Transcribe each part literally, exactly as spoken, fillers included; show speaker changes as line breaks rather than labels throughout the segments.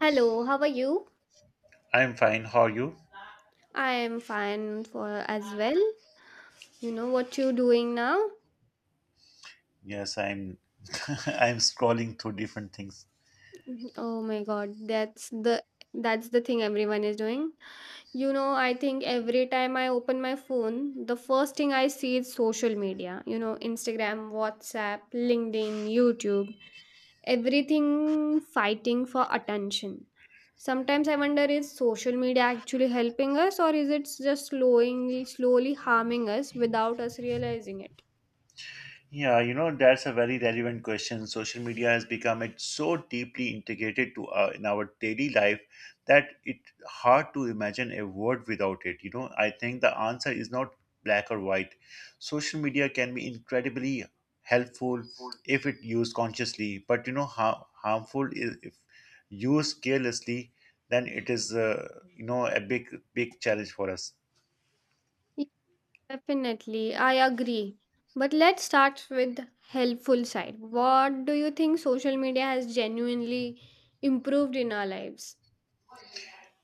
Hello, how are you?
I'm fine. How are you?
I am fine for as well. You know what you doing now?
Yes, I'm. I'm scrolling through different things.
Oh my god, that's the that's the thing everyone is doing. You know, I think every time I open my phone, the first thing I see is social media. You know, Instagram, WhatsApp, LinkedIn, YouTube, everything fighting for attention. Sometimes I wonder, is social media actually helping us, or is it just slowly slowly harming us without us realizing it?
Yeah, you know, that's a very relevant question. Social media has become it so deeply integrated to uh, in our daily life that it's hard to imagine a world without it. You know, I think the answer is not black or white. Social media can be incredibly helpful if it used consciously, but you know, har- harmful is if used carelessly, then it is uh, you know a big big challenge for us.
Definitely, I agree. But let's start with helpful side. What do you think social media has genuinely improved in our lives?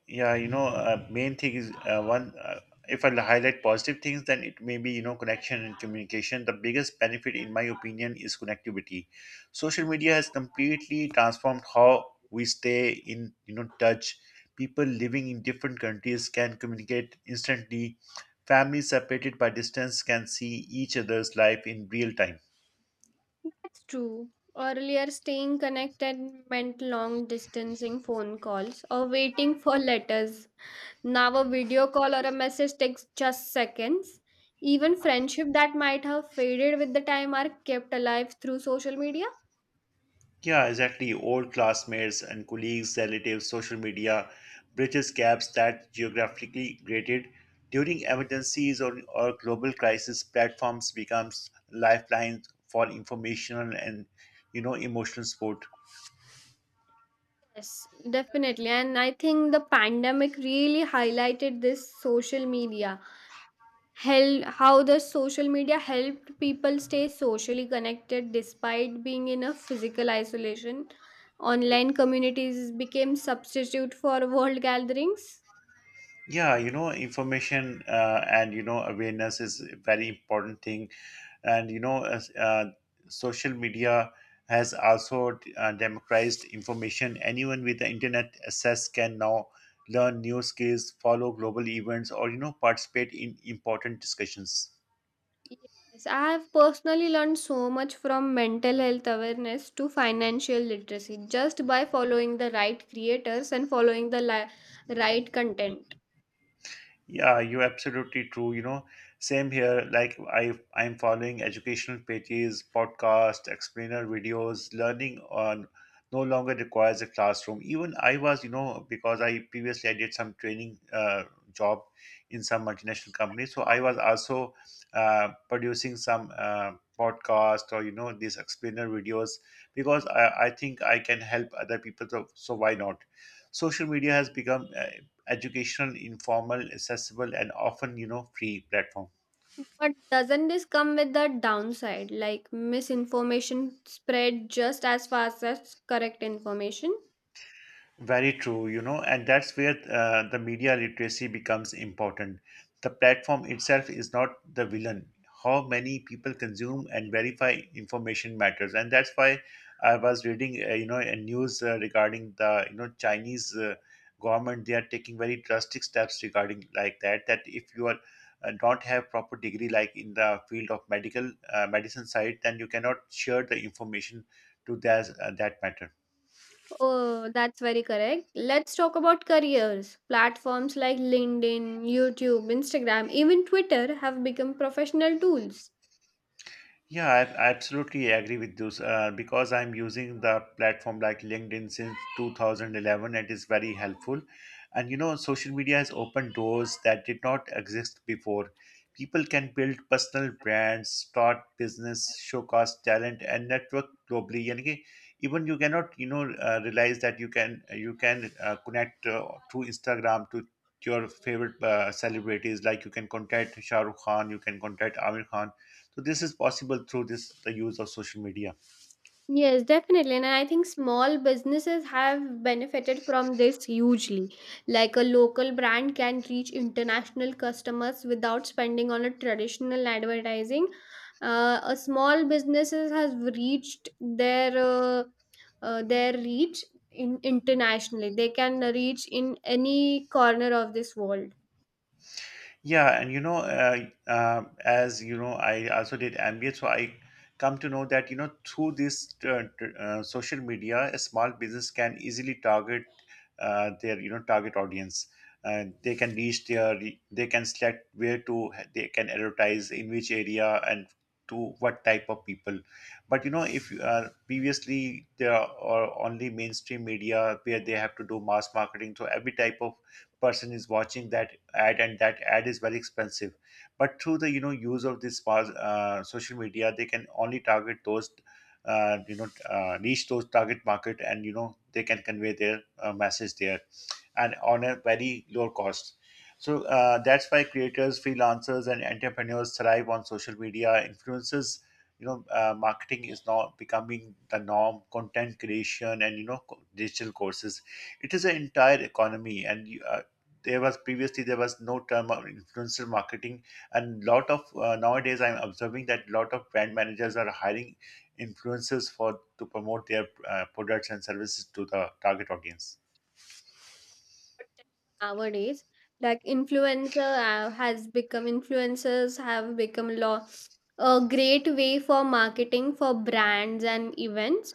Yeah, you know uh, main thing is uh, one uh, if I highlight positive things, then it may be, you know, connection and communication. The biggest benefit in my opinion is connectivity. Social media has completely transformed how we stay in, you know, touch. People living in different countries can communicate instantly. Families separated by distance can see each other's life in real time.
That's true. Earlier, staying connected meant long distancing phone calls or waiting for letters. Now, a video call or a message takes just seconds. Even friendship that might have faded with the time are kept alive through social media.
Yeah, exactly. Old classmates and colleagues, relatives, social media bridges gaps that geographically created. During emergencies or, or global crisis, platforms becomes lifelines for informational and, you know, emotional support.
Yes, definitely. And I think the pandemic really highlighted this social media, hel- how the social media helped people stay socially connected despite being in a physical isolation. Online communities became substitute for world gatherings.
Yeah, you know, information uh, and, you know, awareness is a very important thing. And you know as, uh, social media has also uh, democratized information. Anyone with the internet access can now learn new skills, follow global events, or, you know, participate in important discussions.
Yes, I have personally learned so much, from mental health awareness to financial literacy, just by following the right creators and following the li- right content.
Yeah, you're absolutely true. You know, same here. Like I, I'm following educational pages, podcast, explainer videos. Learning on no longer requires a classroom. Even I was, you know, because I previously I did some training uh, job in some multinational company, so I was also uh, producing some uh, podcast or, you know, these explainer videos because I, I think I can help other people. So, so why not? Social media has become uh, educational, informal, accessible, and often, you know, free platform.
But doesn't this come with the downside, like misinformation spread just as fast as correct information?
Very true, you know, and that's where uh, the media literacy becomes important. The platform itself is not the villain. How many people consume and verify information matters, and that's why I was reading, uh, you know, a news uh, regarding the, you know, Chinese uh, government. They are taking very drastic steps regarding like that. That if you are uh, don't have proper degree like in the field of medical uh, medicine side, then you cannot share the information to that uh, that matter.
Oh, that's very correct. Let's talk about careers. Platforms like LinkedIn, YouTube, Instagram, even Twitter have become professional tools.
Yeah, I I absolutely agree with you uh, because I'm using the platform like LinkedIn since two thousand eleven, and it's very helpful. And you know, social media has opened doors that did not exist before. People can build personal brands, start business, showcase talent, and network globally. And even you cannot, you know, uh, realize that you can you can uh, connect uh, through Instagram to your favorite uh, celebrities. Like you can contact Shah Rukh Khan, you can contact Amir Khan. So this is possible through this the use of social media.
Yes, definitely. And I think small businesses have benefited from this hugely. Like a local brand can reach international customers without spending on a traditional advertising. Uh, a small businesses has reached their uh, uh, their reach in internationally. They can reach in any corner of this world
Yeah, and you know, uh, uh, as you know, I also did M B A, so I come to know that, you know, through this uh, t- uh, social media, a small business can easily target uh, their, you know, target audience. Uh, they can reach their, they can select where to they can advertise in which area and to what type of people. But you know, if you uh, previously there are only mainstream media where they have to do mass marketing, so every type of person is watching that ad, and that ad is very expensive. But through the, you know, use of this mass, uh, social media, they can only target those, uh, you know, uh, reach those target market, and you know, they can convey their uh, message there, and on a very low cost. So uh, that's why creators, freelancers, and entrepreneurs thrive on social media. Influences, you know, uh, marketing is now becoming the norm. Content creation and, you know, co- digital courses. It is an entire economy, and you, uh, there was previously there was no term of influencer marketing, and lot of uh, nowadays I'm observing that lot of brand managers are hiring influencers for to promote their uh, products and services to the target audience.
nowadays. Like influencer uh, has become influencers have become law a great way for marketing for brands and events.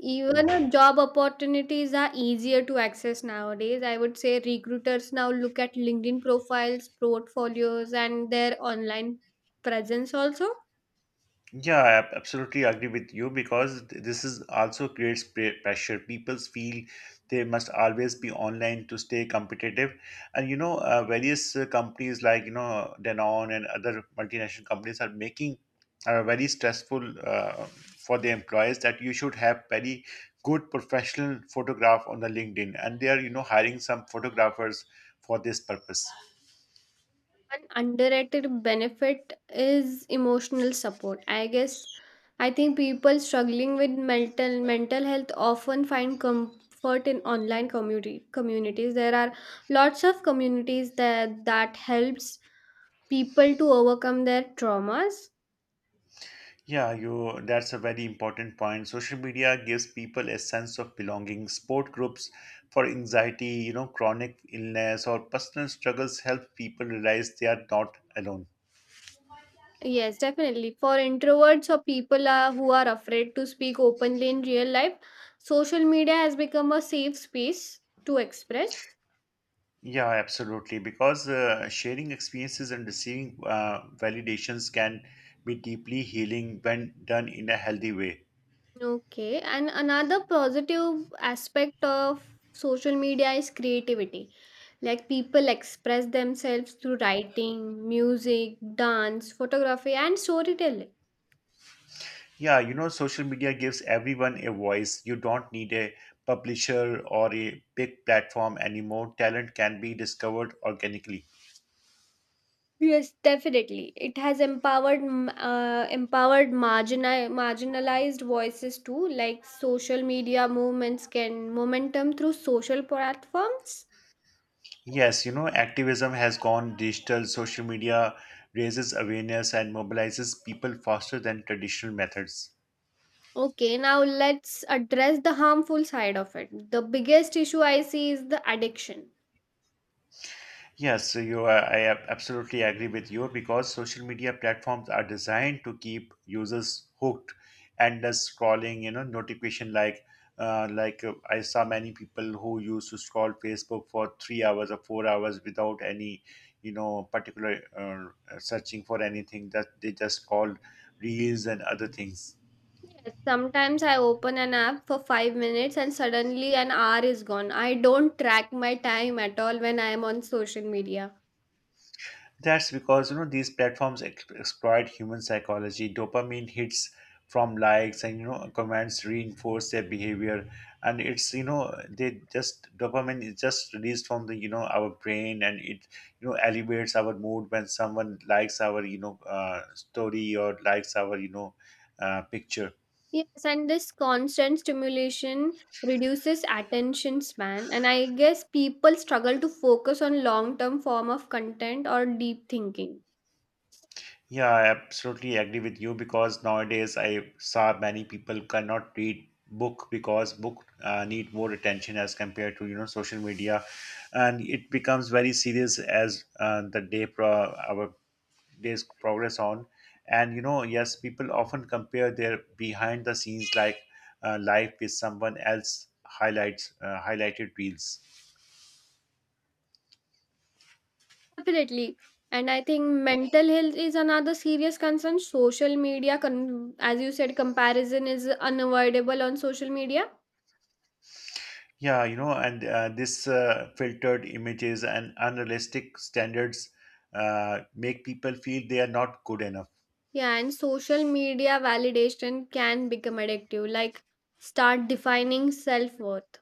Even uh,
Mhm.
job opportunities are easier to access nowadays. I would say recruiters now look at LinkedIn profiles, portfolios, and their online presence also.
Yeah, I absolutely agree with you because th- this is also creates pre- pressure. People feel they must always be online to stay competitive, and you know, uh, various uh, companies like, you know, Danone and other multinational companies are making, are very stressful uh, for the employees that you should have very good professional photograph on the LinkedIn, and they are, you know, hiring some photographers for this purpose.
An underrated benefit is emotional support. I guess I think people struggling with mental mental health often find comfort in online community communities. There are lots of communities that that helps people to overcome their traumas.
Yeah, you, that's a very important point. Social media gives people a sense of belonging. Support groups for anxiety, you know, chronic illness, or personal struggles help people realize they are not alone.
Yes, definitely. For introverts or people are, who are afraid to speak openly in real life, social media has become a safe space to express.
Yeah, absolutely. Because uh, sharing experiences and receiving uh, validations can be deeply healing when done in a healthy way.
Okay, and another positive aspect of social media is creativity. Like people express themselves through writing, music, dance, photography, and storytelling.
Yeah, you know, social media gives everyone a voice. You don't need a publisher or a big platform anymore. Talent can be discovered organically.
Yes, definitely. It has empowered m- uh, empowered marginal marginalized voices too. Like social media movements can momentum through social platforms.
Yes, you know, activism has gone digital. Social media raises awareness and mobilizes people faster than traditional methods.
Okay, now let's address the harmful side of it. The biggest issue I see is the addiction.
Yes, so you are, I ab- absolutely agree with you, because social media platforms are designed to keep users hooked, endless scrolling, you know, notification, like uh, like uh, I saw many people who used to scroll Facebook for three hours or four hours without any, you know, particular uh, searching for anything, that they just called reels and other things.
Yes, sometimes I open an app for five minutes and suddenly an hour is gone. I don't track my time at all when I am on social media.
That's because, you know, these platforms ex- exploit human psychology. Dopamine hits from likes and, you know, comments reinforce their behavior, and it's, you know, they just dopamine is just released from the, you know, our brain, and it, you know, elevates our mood when someone likes our, you know, uh, story, or likes our, you know, uh, picture.
Yes, and this constant stimulation reduces attention span, and I guess people struggle to focus on long term form of content or deep thinking.
Yeah, I absolutely agree with you, because nowadays I saw many people cannot read book, because book uh, need more attention as compared to, you know, social media, and it becomes very serious as uh, the day pro- our days progress on, and you know, yes, people often compare their behind the scenes, like uh, life with someone else highlights, uh, highlighted reels.
Definitely. And I think mental health is another serious concern. Social media, con- as you said, comparison is unavoidable on social media.
Yeah, you know, and uh, this uh, filtered images and unrealistic standards uh, make people feel they are not good enough.
Yeah, and social media validation can become addictive, like start defining self worth.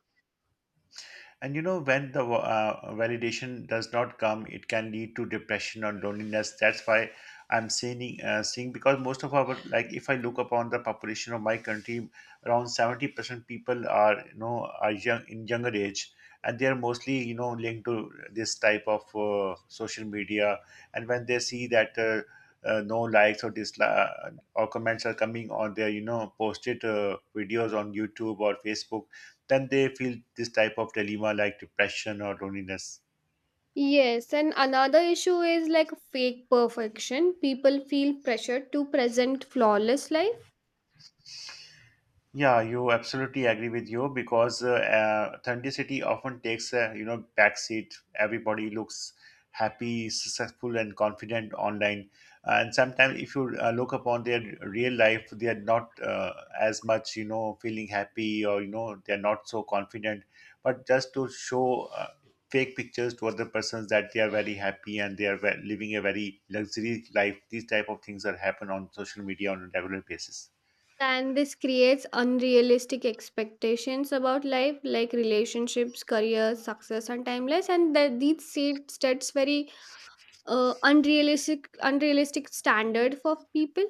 And you know, when the uh, validation does not come, it can lead to depression or loneliness. That's why I'm saying, uh, saying because most of our, like, if I look upon the population of my country, around seventy percent people are, you know, are young in younger age. And they are mostly, you know, linked to this type of uh, social media. And when they see that uh, uh, no likes or dislikes or comments are coming on their, you know, posted uh, videos on YouTube or Facebook, then they feel this type of dilemma, like depression or loneliness.
Yes, and another issue is like fake perfection. People feel pressured to present flawless life,
Yeah, you absolutely agree with you because uh, uh, authenticity often takes a, you know, backseat. Everybody looks happy, successful, and confident online, and sometimes if you uh, look upon their real life, they are not uh, as much, you know, feeling happy, or you know, they are not so confident. But just to show uh, fake pictures to other persons that they are very happy, and they are ve- living a very luxury life, these type of things that happen on social media on a regular basis.
and this creates unrealistic expectations about life, like relationships, career, success, and timeless. And that these set- sets very uh, unrealistic, unrealistic standard for people.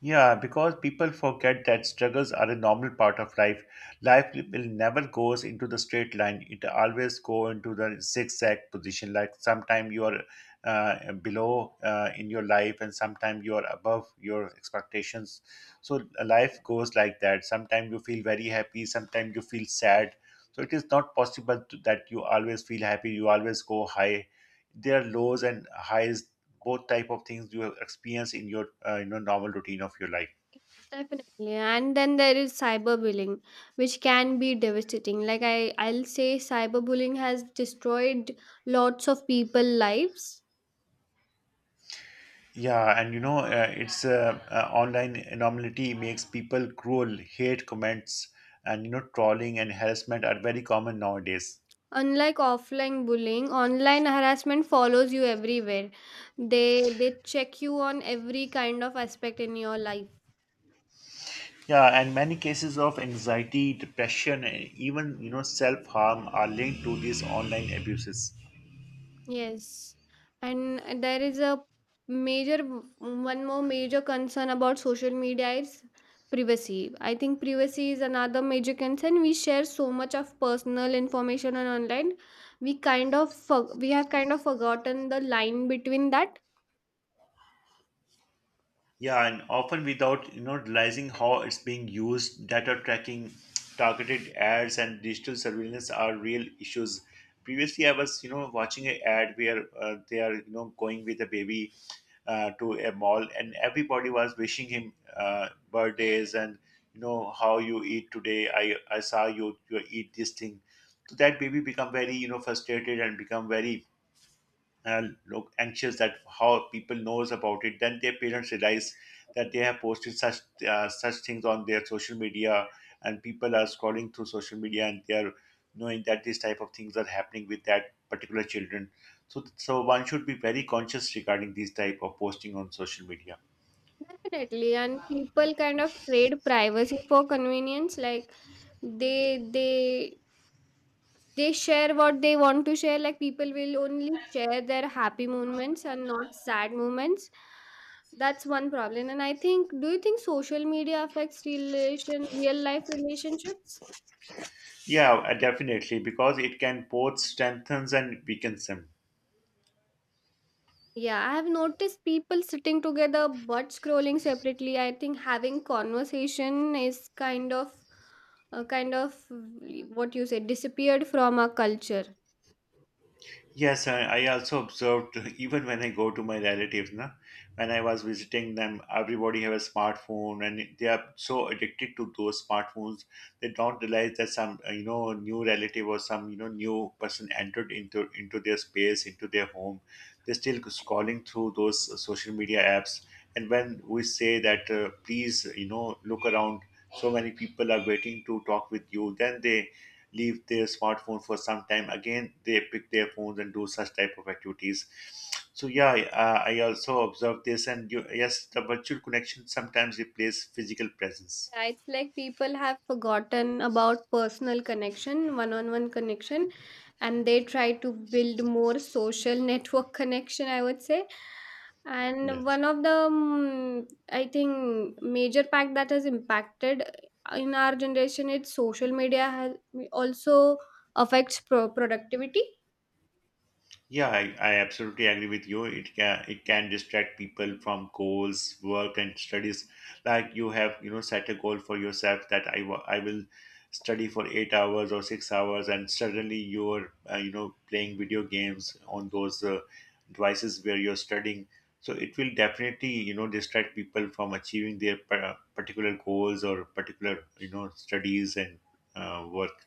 Yeah, because people forget that struggles are a normal part of life. Life will never goes into the straight line. It always go into the zigzag position. Like sometime you are uh, below uh, in your life, and sometime you are above your expectations. So life goes like that. Sometimes you feel very happy. Sometimes you feel sad. So it is not possible to, that you always feel happy. You always go high. There are lows and highs, both type of things you experience in your uh, you know, normal routine of your life.
Definitely, and then there is cyberbullying, which can be devastating. Like I, I'll say, cyberbullying has destroyed lots of people lives.
Yeah, and you know, uh, it's uh, uh, online anomaly makes people cruel, hate comments, and you know, trolling and harassment are very common nowadays.
Unlike offline bullying, online harassment follows you everywhere. They they check you on every kind of aspect in your life.
Yeah, and many cases of anxiety, depression, and even, you know, self harm are linked to these online abuses.
Yes. And there is a major one more major concern about social media is privacy. I think privacy is another major concern. We share so much of personal information on online. We kind of for- we have kind of forgotten the line between that.
Yeah, and often without, you know, realizing how it's being used, data tracking, targeted ads, and digital surveillance are real issues. Previously, I was, you know, watching an ad where uh, they are, you know, going with a baby uh, to a mall, and everybody was wishing him uh, birthdays and, you know, how you eat today. I I saw you you eat this thing, so that baby become very you know frustrated and become very uh, look anxious that how people knows about it. Then their parents realize that they have posted such uh, such things on their social media, and people are scrolling through social media and they are knowing that these type of things are happening with that particular children. So so one should be very conscious regarding these type of posting on social media.
Definitely, and people kind of trade privacy for convenience. Like they they they share what they want to share. Like people will only share their happy moments and not sad moments. That's one problem. And I think, do you think social media affects relation real life relationships?
Yeah, uh, definitely, because it can both strengthens and weakens them.
Yeah, I have noticed people sitting together but scrolling separately. I think having conversation is kind of uh, kind of mm, what you say disappeared from our culture.
Yes, I, I also observed even when I go to my relatives, na, when I was visiting them, everybody have a smartphone and they are so addicted to those smartphones. They don't realize that some uh, you know new relative or some you know new person entered into into their space, into their home. They're still scrolling through those uh, social media apps. And when we say that uh, please, you know look around, so many people are waiting to talk with you, then they leave their smartphone for some time. Again they pick their phones and do such type of activities. So yeah i, uh, I also observe this. And you, yes, the virtual connection sometimes replaces physical presence.
Yeah, it's like people have forgotten about personal connection, one on one connection, and they try to build more social network connection, I would say. And
Yes.
one of the, mm, I think, major pact that has impacted uh, in our generation is social media has also affects pro- productivity.
Yeah, I, I absolutely agree with you. It can it can distract people from goals, work, and studies. Like you have, you know, set a goal for yourself that I wa- I will study for eight hours or six hours, and suddenly you're, uh, you know, playing video games on those uh, devices where you're studying. So it will definitely, you know, distract people from achieving their par- particular goals or particular, you know, studies and uh, work.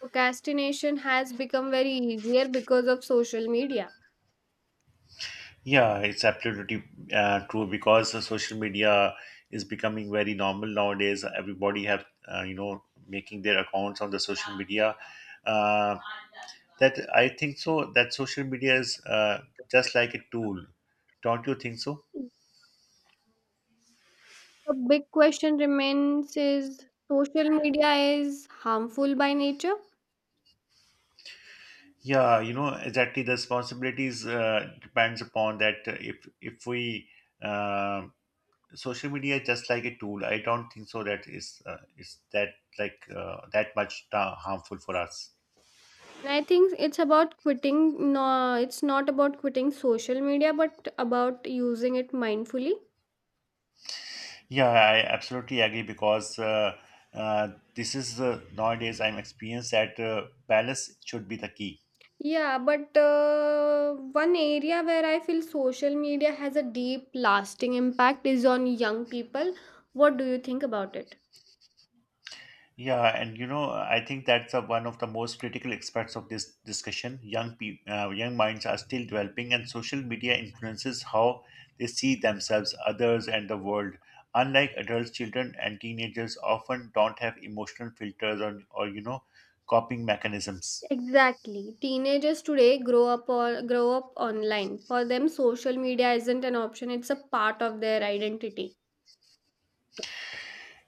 Procrastination has become very easier because of social media.
Yeah, it's absolutely uh, true, because the social media is becoming very normal nowadays. Everybody have, uh, you know, making their accounts on the social media. Uh, that, I think so, that social media is, uh, just like a tool. Don't you think so?
The big question remains, is social media is harmful by nature?
Yeah, you know, exactly. The responsibilities uh, depends upon that. uh, If if we uh, social media is just like a tool, I don't think so that is uh, is that like uh, that much ta- harmful for us.
And I think it's about quitting. No, it's not about quitting social media, but about using it mindfully.
Yeah, I absolutely agree, because uh, uh, this is uh, nowadays I'm experienced that uh, balance should be the key.
Yeah, but uh, one area where I feel social media has a deep, lasting impact is on young people. What do you think about it?
Yeah, and you know, I think that's uh, one of the most critical aspects of this discussion. Young pe- uh, young minds are still developing, and social media influences how they see themselves, others, and the world. Unlike adults, children and teenagers often don't have emotional filters, or, or you know, coping mechanisms.
Exactly. Teenagers today grow up or grow up online. For them, social media isn't an option, it's a part of their identity.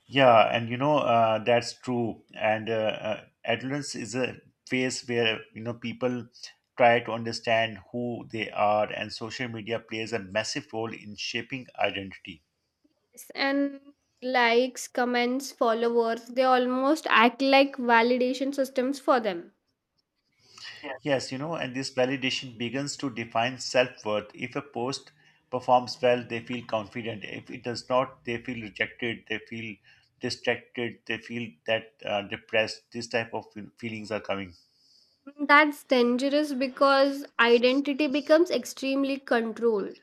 Yeah, and you know, uh, that's true. And uh, uh, adolescence is a phase where, you know, people try to understand who they are, and social media plays a massive role in shaping identity.
Yes, and likes, comments, followers, they almost act like validation systems for them.
Yes, you know, and this validation begins to define self-worth. If a post performs well, they feel confident. If it does not, they feel rejected. They feel distracted. They feel that uh, depressed. This type of feel- feelings are coming.
That's dangerous because identity becomes extremely controlled.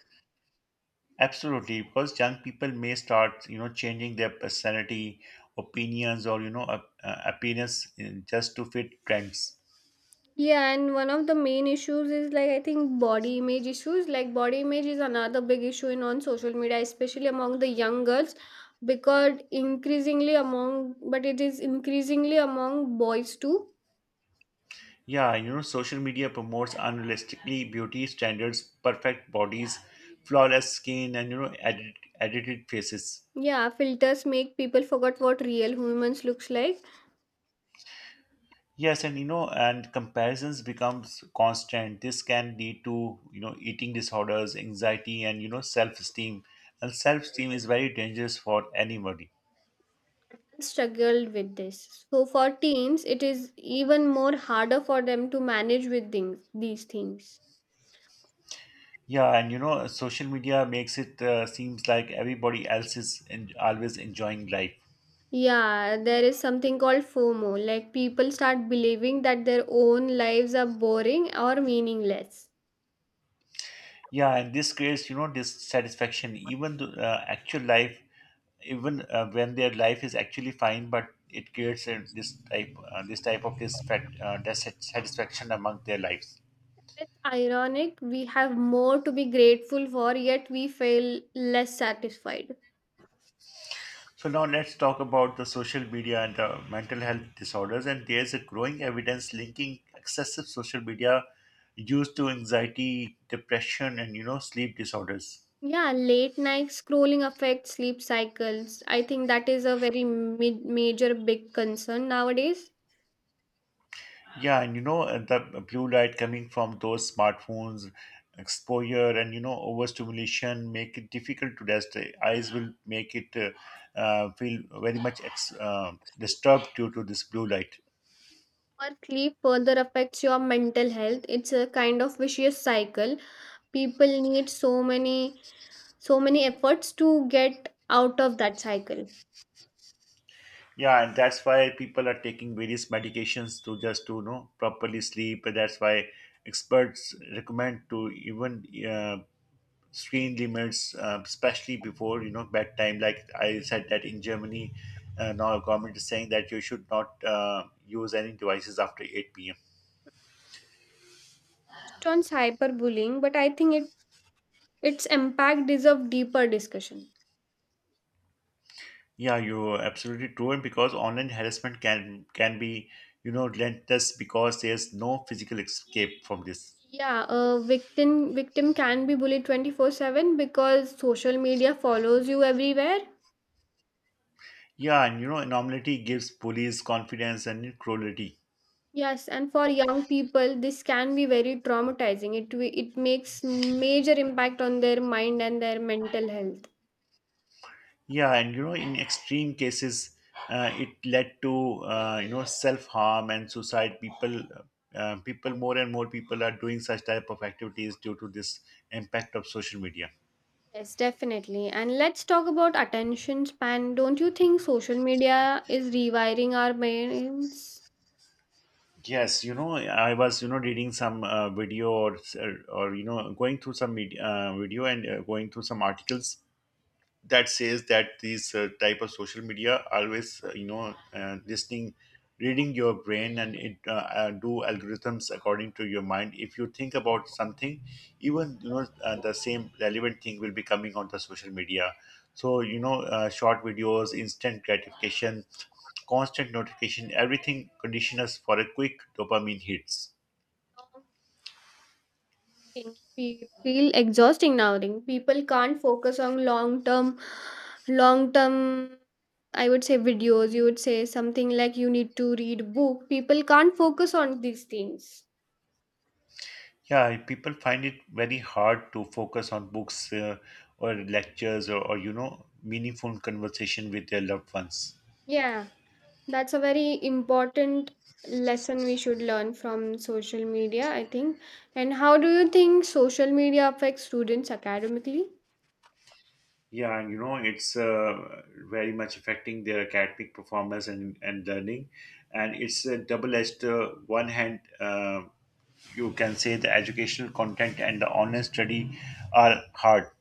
Absolutely, because young people may start, you know, changing their personality, opinions, or, you know, ap- uh, appearance in- just to fit trends.
Yeah, and one of the main issues is like, I think, body image issues. Like body image is another big issue in on social media, especially among the young girls, because increasingly among but it is increasingly among boys too.
Yeah, you know, social media promotes unrealistically beauty standards, perfect bodies, flawless skin, and, you know, edit- edited faces.
Yeah, filters make people forget what real humans looks like.
Yes, and you know, and comparisons becomes constant. This can lead to, you know, eating disorders, anxiety, and, you know, self-esteem. And self-esteem is very dangerous for anybody.
Struggled with this. So for teens, it is even more harder for them to manage with things, these things.
Yeah, and you know, social media makes it uh, seems like everybody else is en- always enjoying life.
Yeah, there is something called FOMO. Like people start believing that their own lives are boring or meaningless.
Yeah, and this creates, you know, dissatisfaction. Even the uh, actual life, even uh, when their life is actually fine, but it creates uh, this type uh, this type of disfact, uh, dissatisfaction among their lives.
It's ironic. We have more to be grateful for, yet we feel less satisfied.
So now let's talk about the social media and the mental health disorders. And there's a growing evidence linking excessive social media use to anxiety, depression, and, you know, sleep disorders.
Yeah, late night scrolling affects sleep cycles. I think that is a very mid- major big concern nowadays.
Yeah, and you know, uh, the blue light coming from those smartphones, exposure, and, you know, overstimulation make it difficult to rest. The eyes will make it uh, uh, feel very much ex- uh, disturbed due to this blue light.
Poor sleep further affects your mental health. It's a kind of vicious cycle. People need so many so many efforts to get out of that cycle. It's
Yeah, and that's why people are taking various medications to just to, you know, properly sleep. And that's why experts recommend to even uh, screen limits, uh, especially before, you know, bedtime. Like I said, that in Germany, uh, now government is saying that you should not uh, use any devices after eight p m.
on cyberbullying, but I think it its impact deserves deeper discussion.
Yeah, you're absolutely true, and because online harassment can can be, you know, relentless, because there's no physical escape from this.
Yeah, a victim victim can be bullied twenty-four seven because social media follows you everywhere.
Yeah, and you know, anonymity gives police confidence and cruelty.
Yes, and for young people, this can be very traumatizing. It wi- it makes major impact on their mind and their mental health.
Yeah, and you know, in extreme cases, uh, it led to, uh, you know, self harm and suicide. People, uh, people, more and more people are doing such type of activities due to this impact of social media.
Yes, definitely. And let's talk about attention span. Don't you think social media is rewiring our brains?
Yes, you know, I was, you know, reading some uh, video or or you know, going through some media, uh, video and uh, going through some articles that says that these uh, type of social media always uh, you know uh, listening reading your brain, and it uh, uh, do algorithms according to your mind. If you think about something, even, you know, uh, the same relevant thing will be coming on the social media. So, you know, uh, short videos, instant gratification, constant notification, everything condition us for a quick dopamine hits.
Long thing fe- Feel exhausting nowadays. People can't focus on long term, long term. I would say videos. You would say something like you need to read book. People can't focus on these things.
Yeah, people find it very hard to focus on books, uh, or lectures, or, or, you know, meaningful conversation with their loved ones.
Yeah. That's a very important lesson we should learn from social media, I think. And how do you think social media affects students academically?
Yeah, and you know, it's uh, very much affecting their academic performance and, and learning. And it's a double edged, uh, one hand, uh, you can say the educational content and the online study are hard.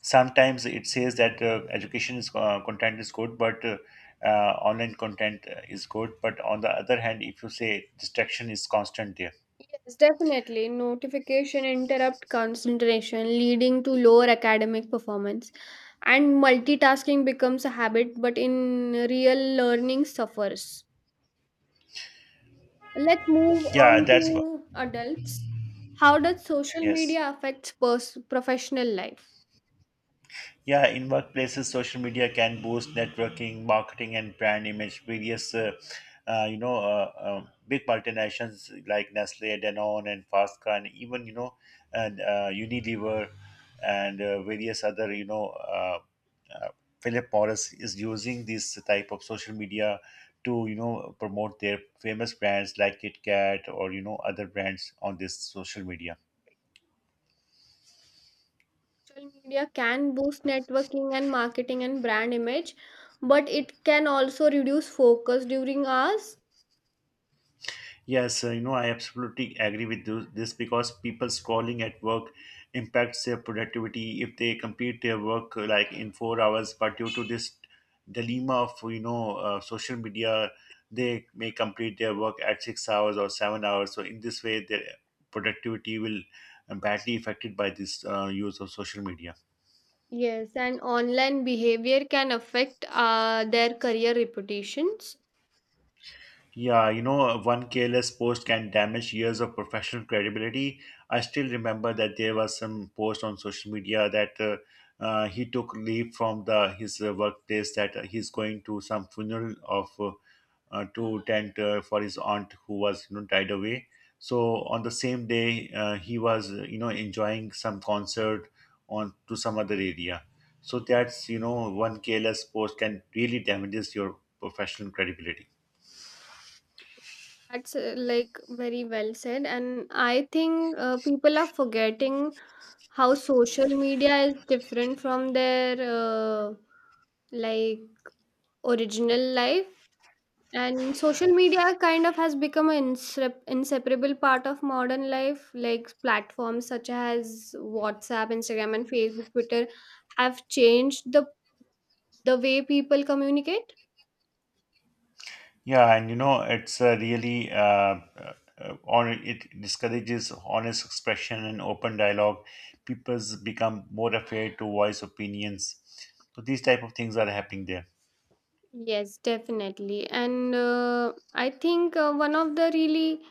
Sometimes it says that uh, education is uh, content is good, but uh, uh, online content uh, is good, but on the other hand, if you say distraction is constant there.
Yes, definitely. Notification interrupt concentration, leading to lower academic performance. And multitasking becomes a habit, but in real learning suffers. Let's move
Yeah,
on
that's what.
to adults. How does social
Yes.
media affect pers- professional life?
Yeah, in workplaces, social media can boost networking, marketing, and brand image. Various, uh, uh, you know, uh, uh, big multinations like Nestle, Danone, and Fasca, and even, you know, and uh, Unilever, and uh, various other, you know, uh, uh, Philip Morris is using this type of social media to, you know, promote their famous brands like Kit Kat or, you know, other brands on this social media.
Social media can boost networking and marketing and brand image, but it can also reduce focus during hours.
Yes, uh, you know, I absolutely agree with tho- this, because people scrolling at work impacts their productivity if they complete their work uh, like in four hours. But due to this dilemma of, you know, uh, social media, they may complete their work at six hours or seven hours. So in this way, their productivity will uh, badly affected by this uh, use of social media.
Yes, and online behavior can affect uh, their career reputations.
Yeah, you know, one careless post can damage years of professional credibility. I still remember that there was some post on social media that uh, uh, he took leave from the his uh, workplace, that uh, he's going to some funeral of uh, uh, to attend uh, for his aunt who was, you know, died away. So on the same day, uh, he was uh, you know enjoying some concert on to some other area. So that's, you know, one careless post can really damages your professional credibility.
That's uh, like very well said. And I think uh, people are forgetting how social media is different from their uh, like original life. And social media kind of has become an insep- inseparable part of modern life. Like platforms such as WhatsApp, Instagram, and Facebook, Twitter have changed the the way people communicate.
Yeah, and you know, it's uh, really uh, uh, uh, on it discourages honest expression and open dialogue. People's become more afraid to voice opinions. So these type of things are happening there.
Yes, definitely. And uh, I think uh, one of the really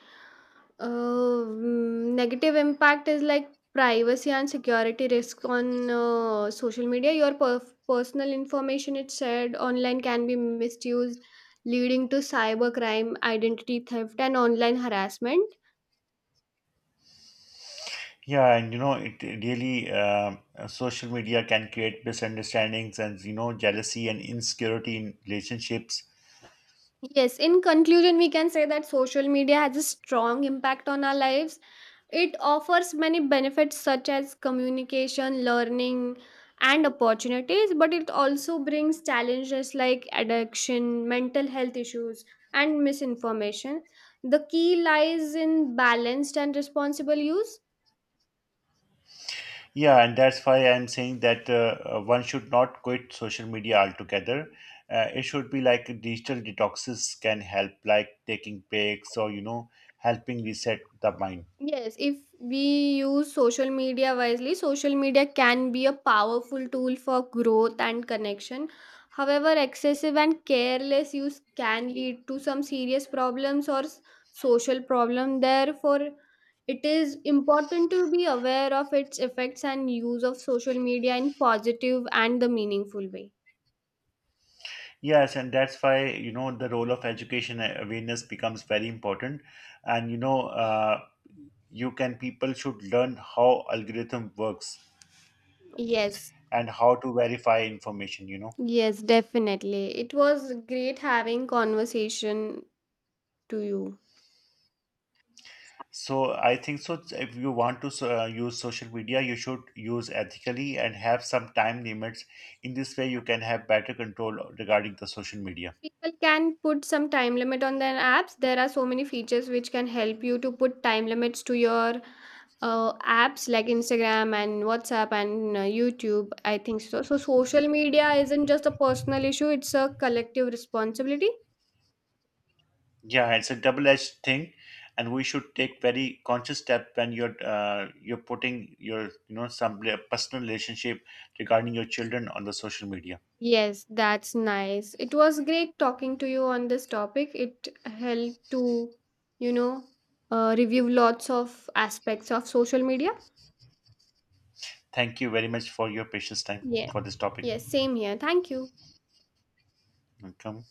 Uh, mm, negative impact is like privacy and security risk on uh, social media. Your per- personal information, it's said, online can be misused, leading to cybercrime, identity theft, and online harassment.
Yeah, and you know, it really uh, uh, social media can create misunderstandings and, you know, jealousy and insecurity in relationships.
Yes, in conclusion, we can say that social media has a strong impact on our lives. It offers many benefits such as communication, learning, and opportunities, but it also brings challenges like addiction, mental health issues, and misinformation. The key lies in balanced and responsible use.
Yeah, and that's why I'm saying that uh, uh, one should not quit social media altogether. Uh, it should be like digital detoxes can help, like taking breaks or, you know, helping reset the mind.
Yes, if we use social media wisely, social media can be a powerful tool for growth and connection. However, excessive and careless use can lead to some serious problems or s- social problem. Therefore, it is important to be aware of its effects and use of social media in positive and the meaningful way.
Yes, and that's why, you know, the role of education uh, awareness becomes very important. And, you know, uh, you can, people should learn how algorithm works
Yes,
and how to verify information, you know.
yes, definitely. It was great having conversation to you.
So I think so. If you want to so- uh, use social media, you should use ethically and have some time limits. In this way, you can have better control regarding the social media.
People can put some time limit on their apps. There are so many features which can help you to put time limits to your uh, apps like Instagram and WhatsApp and uh, YouTube. I think so. So social media isn't just a personal issue; it's a collective responsibility.
Yeah, it's a double-edged thing, and we should take very conscious step when you're uh, you're putting your, you know, some re- personal relationship regarding your children on the social media.
Yes, that's nice. It was great talking to you on this topic. It helped to, you know, uh, review lots of aspects of social media.
Thank you very much for your precious time
Yeah.
for this topic.
Yes, same here. Thank you.
Welcome.